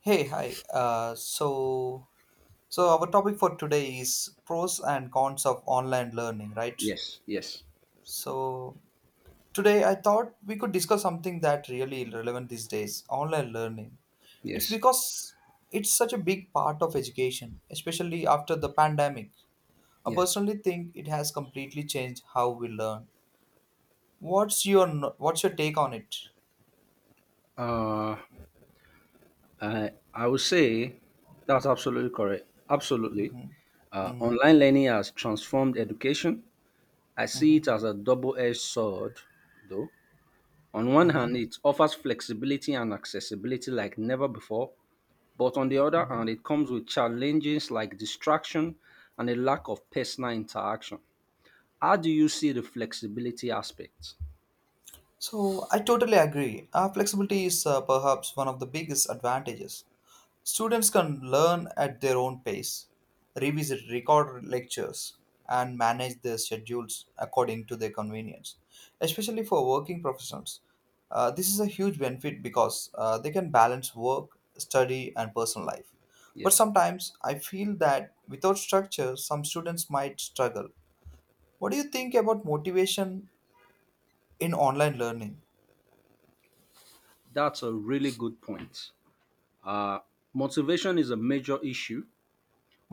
Hey, hi. So our topic for today is pros and cons of online learning, right? Yes, yes, So today I thought we could discuss something that really relevant these days, online learning. It's yes, because it's such a big part of education, especially after the pandemic. I yes. personally think it has completely changed how we learn. What's your no- what's your take on it? Uh, I would say that's absolutely correct. Absolutely. Mm-hmm. Mm-hmm. Online learning has transformed education. I see Mm-hmm. it as a double edged sword, though. On one Mm-hmm. hand, it offers flexibility and accessibility like never before. But on the other Mm-hmm. hand, it comes with challenges like distraction and a lack of personal interaction. How do you see the flexibility aspect? So, I totally agree. Flexibility is perhaps one of the biggest advantages. Students can learn at their own pace, revisit record lectures, and manage their schedules according to their convenience. Especially for working professionals, this is a huge benefit because they can balance work, study, and personal life. But Yes, sometimes I feel that without structure, some students might struggle. What do you think about motivation in online learning? that's a really good point. Uh, Motivation is a major issue.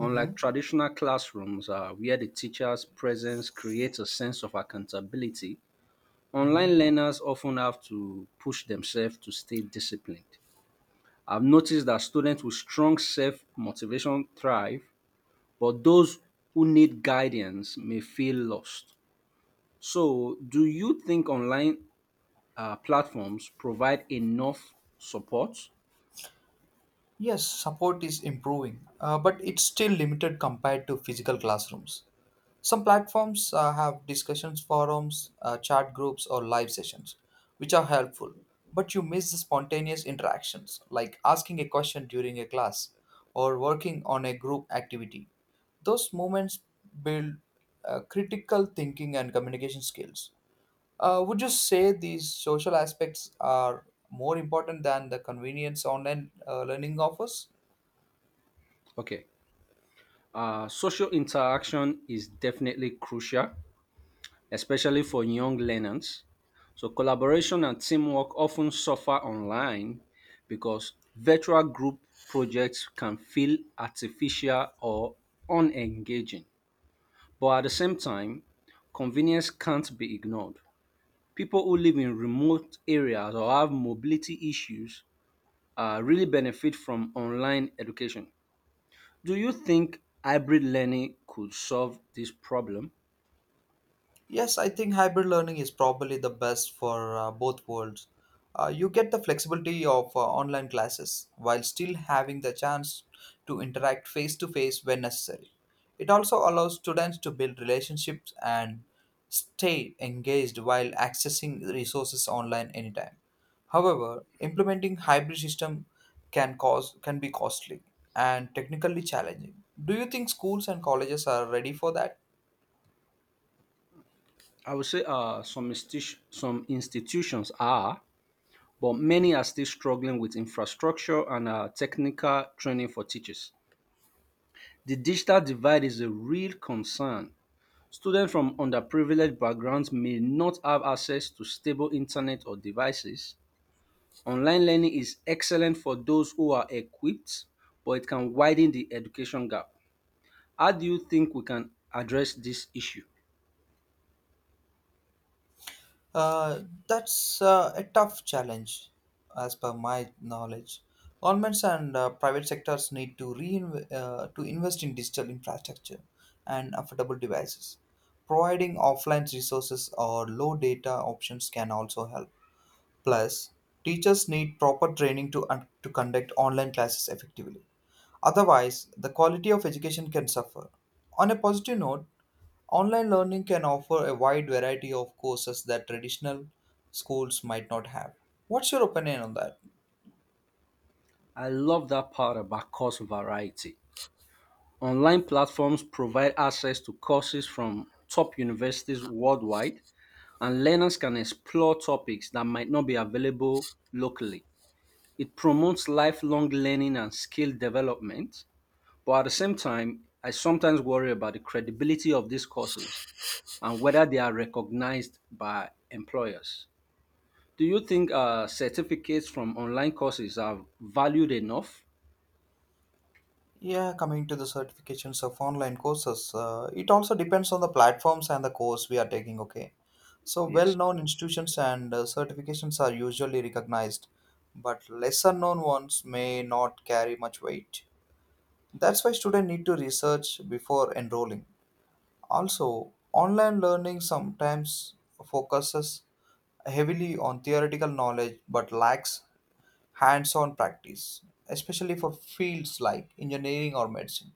Mm-hmm. traditional classrooms, where the teacher's presence creates a sense of accountability, Mm-hmm. online learners often have to push themselves to stay disciplined. I've noticed that students with strong self motivation thrive, but those who need guidance may feel lost. So, do you think online platforms provide enough support? Yes, support is improving, but it's still limited compared to physical classrooms. Some platforms have discussions forums, chat groups, or live sessions, which are helpful, but you miss the spontaneous interactions like asking a question during a class or working on a group activity. Those moments build critical thinking and communication skills. Would you say these social aspects are more important than the convenience online learning offers? Okay. Social interaction is definitely crucial, especially for young learners. So, collaboration and teamwork often suffer online because virtual group projects can feel artificial or unengaging. But at the same time, convenience can't be ignored. People who live in remote areas or have mobility issues really benefit from online education. Do you think hybrid learning could solve this problem? Yes, I think hybrid learning is probably the best for both worlds. You get the flexibility of online classes while still having the chance to interact face to face when necessary. It also allows students to build relationships and stay engaged while accessing resources online anytime. However, implementing hybrid system can be costly and technically challenging. Do you think schools and colleges are ready for that? I would say some institutions are, but many are still struggling with infrastructure and technical training for teachers. The digital divide is a real concern. Students from underprivileged backgrounds may not have access to stable internet or devices. Online learning is excellent for those who are equipped, but it can widen the education gap. How do you think we can address this issue? Uh, that's a tough challenge, as per my knowledge. Governments and private sectors need to to invest in digital infrastructure and affordable devices. Providing offline resources or low data options can also help. Plus, teachers need proper training to conduct online classes effectively. Otherwise, the quality of education can suffer. On a positive note, online learning can offer a wide variety of courses that traditional schools might not have. What's your opinion on that? I love that part about course variety. Online platforms provide access to courses from top universities worldwide, and learners can explore topics that might not be available locally. It promotes lifelong learning and skill development, but at the same time, I sometimes worry about the credibility of these courses and whether they are recognized by employers. Do you think certificates from online courses are valued enough? Yeah, coming to the certifications of online courses, it also depends on the platforms and the course we are taking, okay? So, well Yes. known institutions and certifications are usually recognized, but lesser known ones may not carry much weight. That's why students need to research before enrolling. Also, online learning sometimes focuses heavily on theoretical knowledge but lacks hands on practice, especially for fields like engineering or medicine.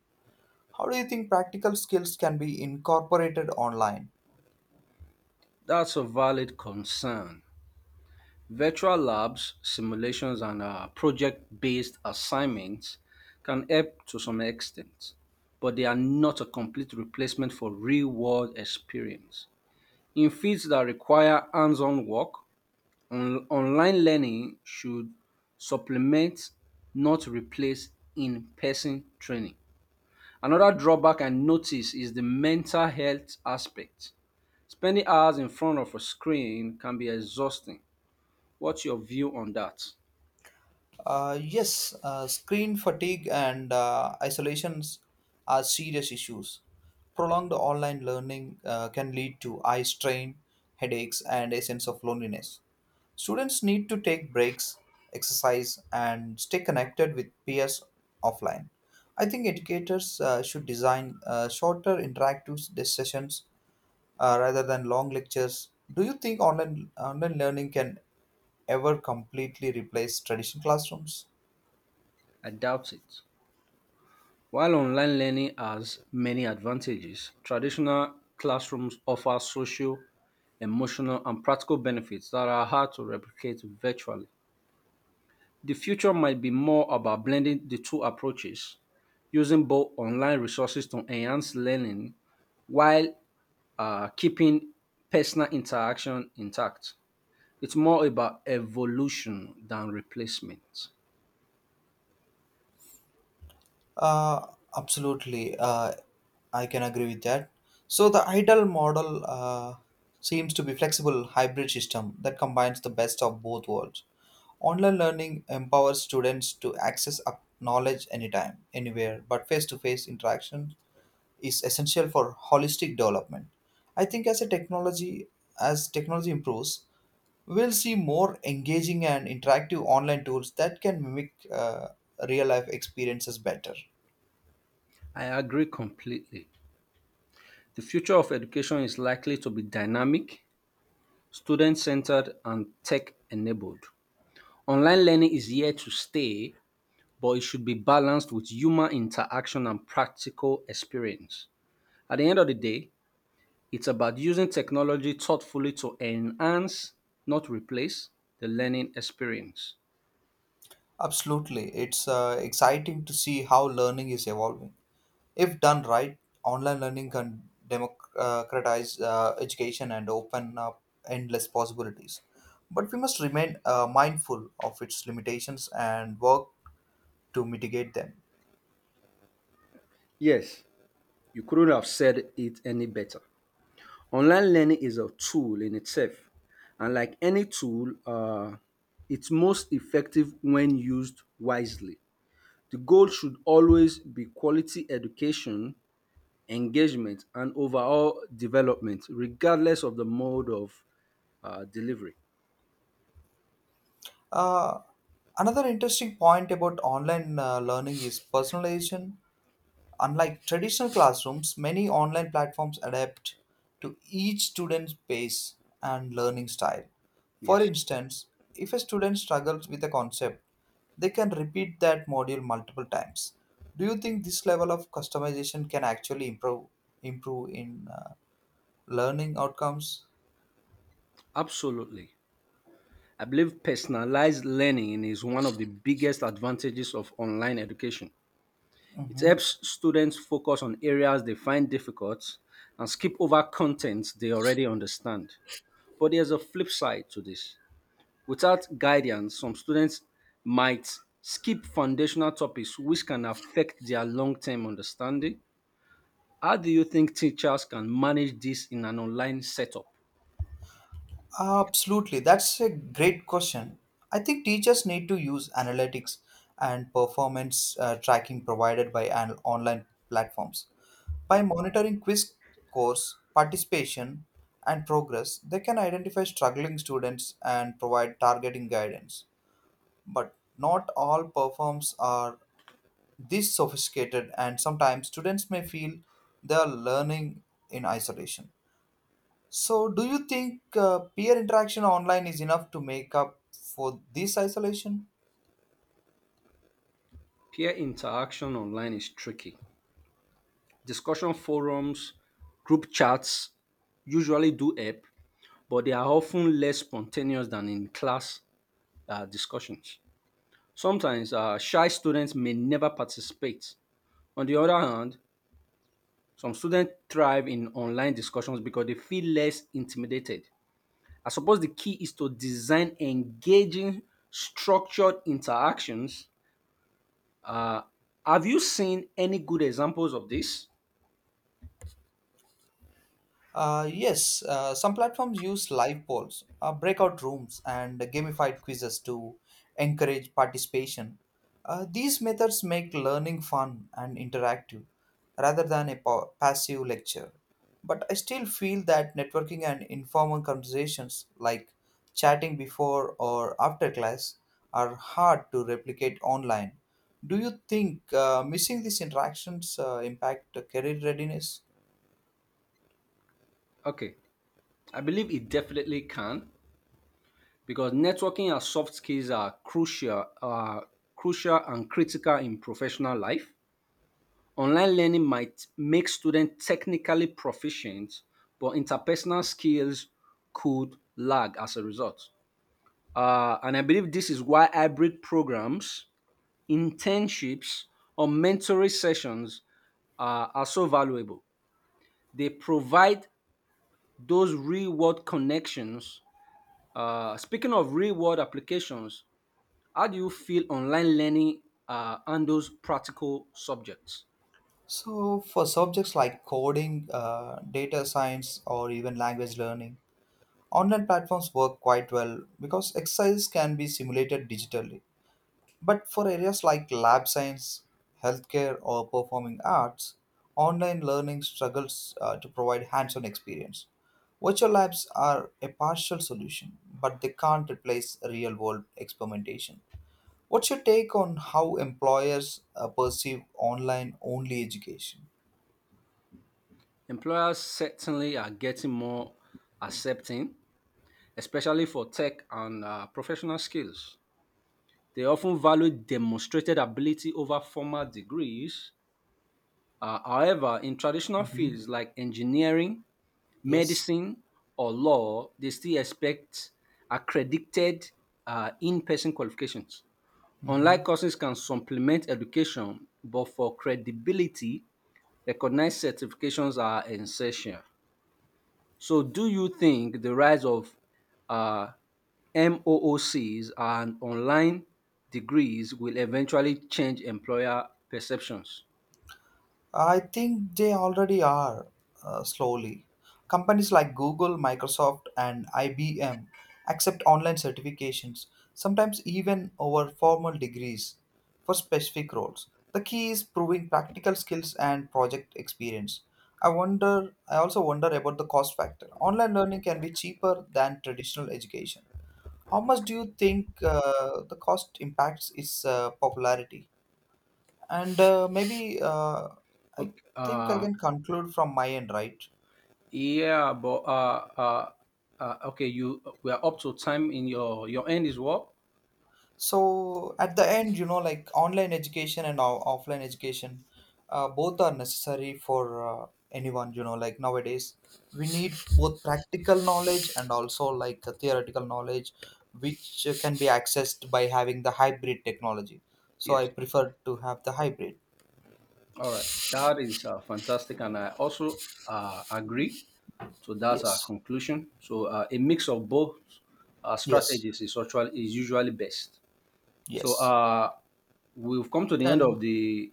How do you think practical skills can be incorporated online? That's a valid concern. Virtual labs, simulations, and project based assignments can help to some extent, but they are not a complete replacement for real world experience. In fields that require hands on work, online learning should supplement, not replace in person training. Another drawback I notice is the mental health aspect. Spending hours in front of a screen can be exhausting. What's your view on that? Yes, screen fatigue and isolations are serious issues. Prolonged online learning can lead to eye strain, headaches, and a sense of loneliness. Students need to take breaks, exercise, and stay connected with peers offline. I think educators should design shorter interactive sessions rather than long lectures. Do you think online learning can ever completely replace traditional classrooms? I doubt it. While online learning has many advantages, traditional classrooms offer social, emotional, and practical benefits that are hard to replicate virtually. The future might be more about blending the two approaches, using both online resources to enhance learning while keeping personal interaction intact. It's more about evolution than replacement. Uh, absolutely, I can agree with that. So the ideal model seems to be flexible hybrid system that combines the best of both worlds. Online learning empowers students to access up knowledge anytime, anywhere, but face to face interaction is essential for holistic development. I think as technology improves, we'll see more engaging and interactive online tools that can mimic real life experiences better. I agree completely. The future of education is likely to be dynamic, student centered, and tech enabled. Online learning is here to stay, but it should be balanced with human interaction and practical experience. At the end of the day, it's about using technology thoughtfully to enhance, not replace, the learning experience. Absolutely, it's exciting to see how learning is evolving. If done right, online learning can democratize education and open up endless possibilities. But we must remain mindful of its limitations and work to mitigate them. Yes, you couldn't have said it any better. Online learning is a tool in itself, and like any tool, it's most effective when used wisely. The goal should always be quality education, engagement, and overall development, regardless of the mode of delivery. Uh, Another interesting point about online learning is personalization. Unlike traditional classrooms, many online platforms adapt to each student's pace and learning style. For Yes, instance, if a student struggles with a concept, they can repeat that module multiple times. Do you think this level of customization can actually improve in learning outcomes? absolutely. I believe personalized learning is one of the biggest advantages of online education. It Mhm. helps students focus on areas they find difficult and skip over content they already understand. But there's a flip side to this. Without guidance, some students might skip foundational topics which can affect their long term understanding. How do you think teachers can manage this in an online setup? Absolutely. That's a great question. I think teachers need to use analytics and performance tracking provided by an online platforms. By monitoring quiz scores, participation, and progress, they can identify struggling students and provide targeting guidance. But not all performs are this sophisticated, and sometimes students may feel they are learning in isolation. So, do you think peer interaction online is enough to make up for this isolation? Peer interaction online is tricky. Discussion forums, group chats usually do help, but they are often less spontaneous than in class discussions. Sometimes shy students may never participate. On the other hand, some students thrive in online discussions because they feel less intimidated. I suppose the key is to design engaging, structured interactions. Uh, have you seen any good examples of this? Yes, some platforms use live polls, breakout rooms, and gamified quizzes to encourage participation. These methods make learning fun and interactive rather than a passive lecture. But I still feel that networking and informal conversations, like chatting before or after class, are hard to replicate online. Do you think missing these interactions impact career readiness? Okay, I believe it definitely can because networking and soft skills are crucial, crucial and critical in professional life. Online learning might make students technically proficient, but interpersonal skills could lag as a result. And I believe this is why hybrid programs, internships, or mentoring sessions are so valuable. They provide those real world connections. Speaking of real world applications, how do you feel online learning handles practical subjects? So, for subjects like coding, data science, or even language learning, online platforms work quite well because exercises can be simulated digitally. But for areas like lab science, healthcare, or performing arts, online learning struggles to provide hands on experience. Virtual labs are a partial solution, but they can't replace real world experimentation. What's your take on how employers perceive online only education? Employers certainly are getting more accepting, especially for tech and professional skills. They often value demonstrated ability over formal degrees. However, in traditional Mhm. fields like engineering, Yes, medicine, or law, they still expect accredited in person qualifications. Online hmm. courses can supplement education, but for credibility, recognized certifications are essential. So, do you think the rise of uh, MOOCs and online degrees will eventually change employer perceptions? I think they already are slowly. Companies like Google, Microsoft, and IBM accept online certifications, sometimes even over formal degrees, for specific roles. The key is proving practical skills and project experience. I also wonder about the cost factor. Online learning can be cheaper than traditional education. How much do you think the cost impacts its popularity? And maybe I Okay, think I uh, can conclude from my end, right? yeah, but uh, uh, okay, you we are up to time in your end is what? So at the end, you know, like online education and offline education, both are necessary for anyone, you know, like nowadays. We need both practical knowledge and also like the theoretical knowledge, which can be accessed by having the hybrid technology. So I Yes. prefer to have the hybrid. All right, that is fantastic, and I also agree. So that's Yes, conclusion. So, a mix of both yes, strategies is actually is usually best. So, yes. We've come to the end Then of the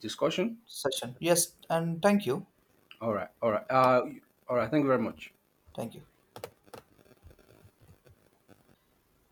discussion. session. Yes, and thank you. All right. Thank you very much. Thank you.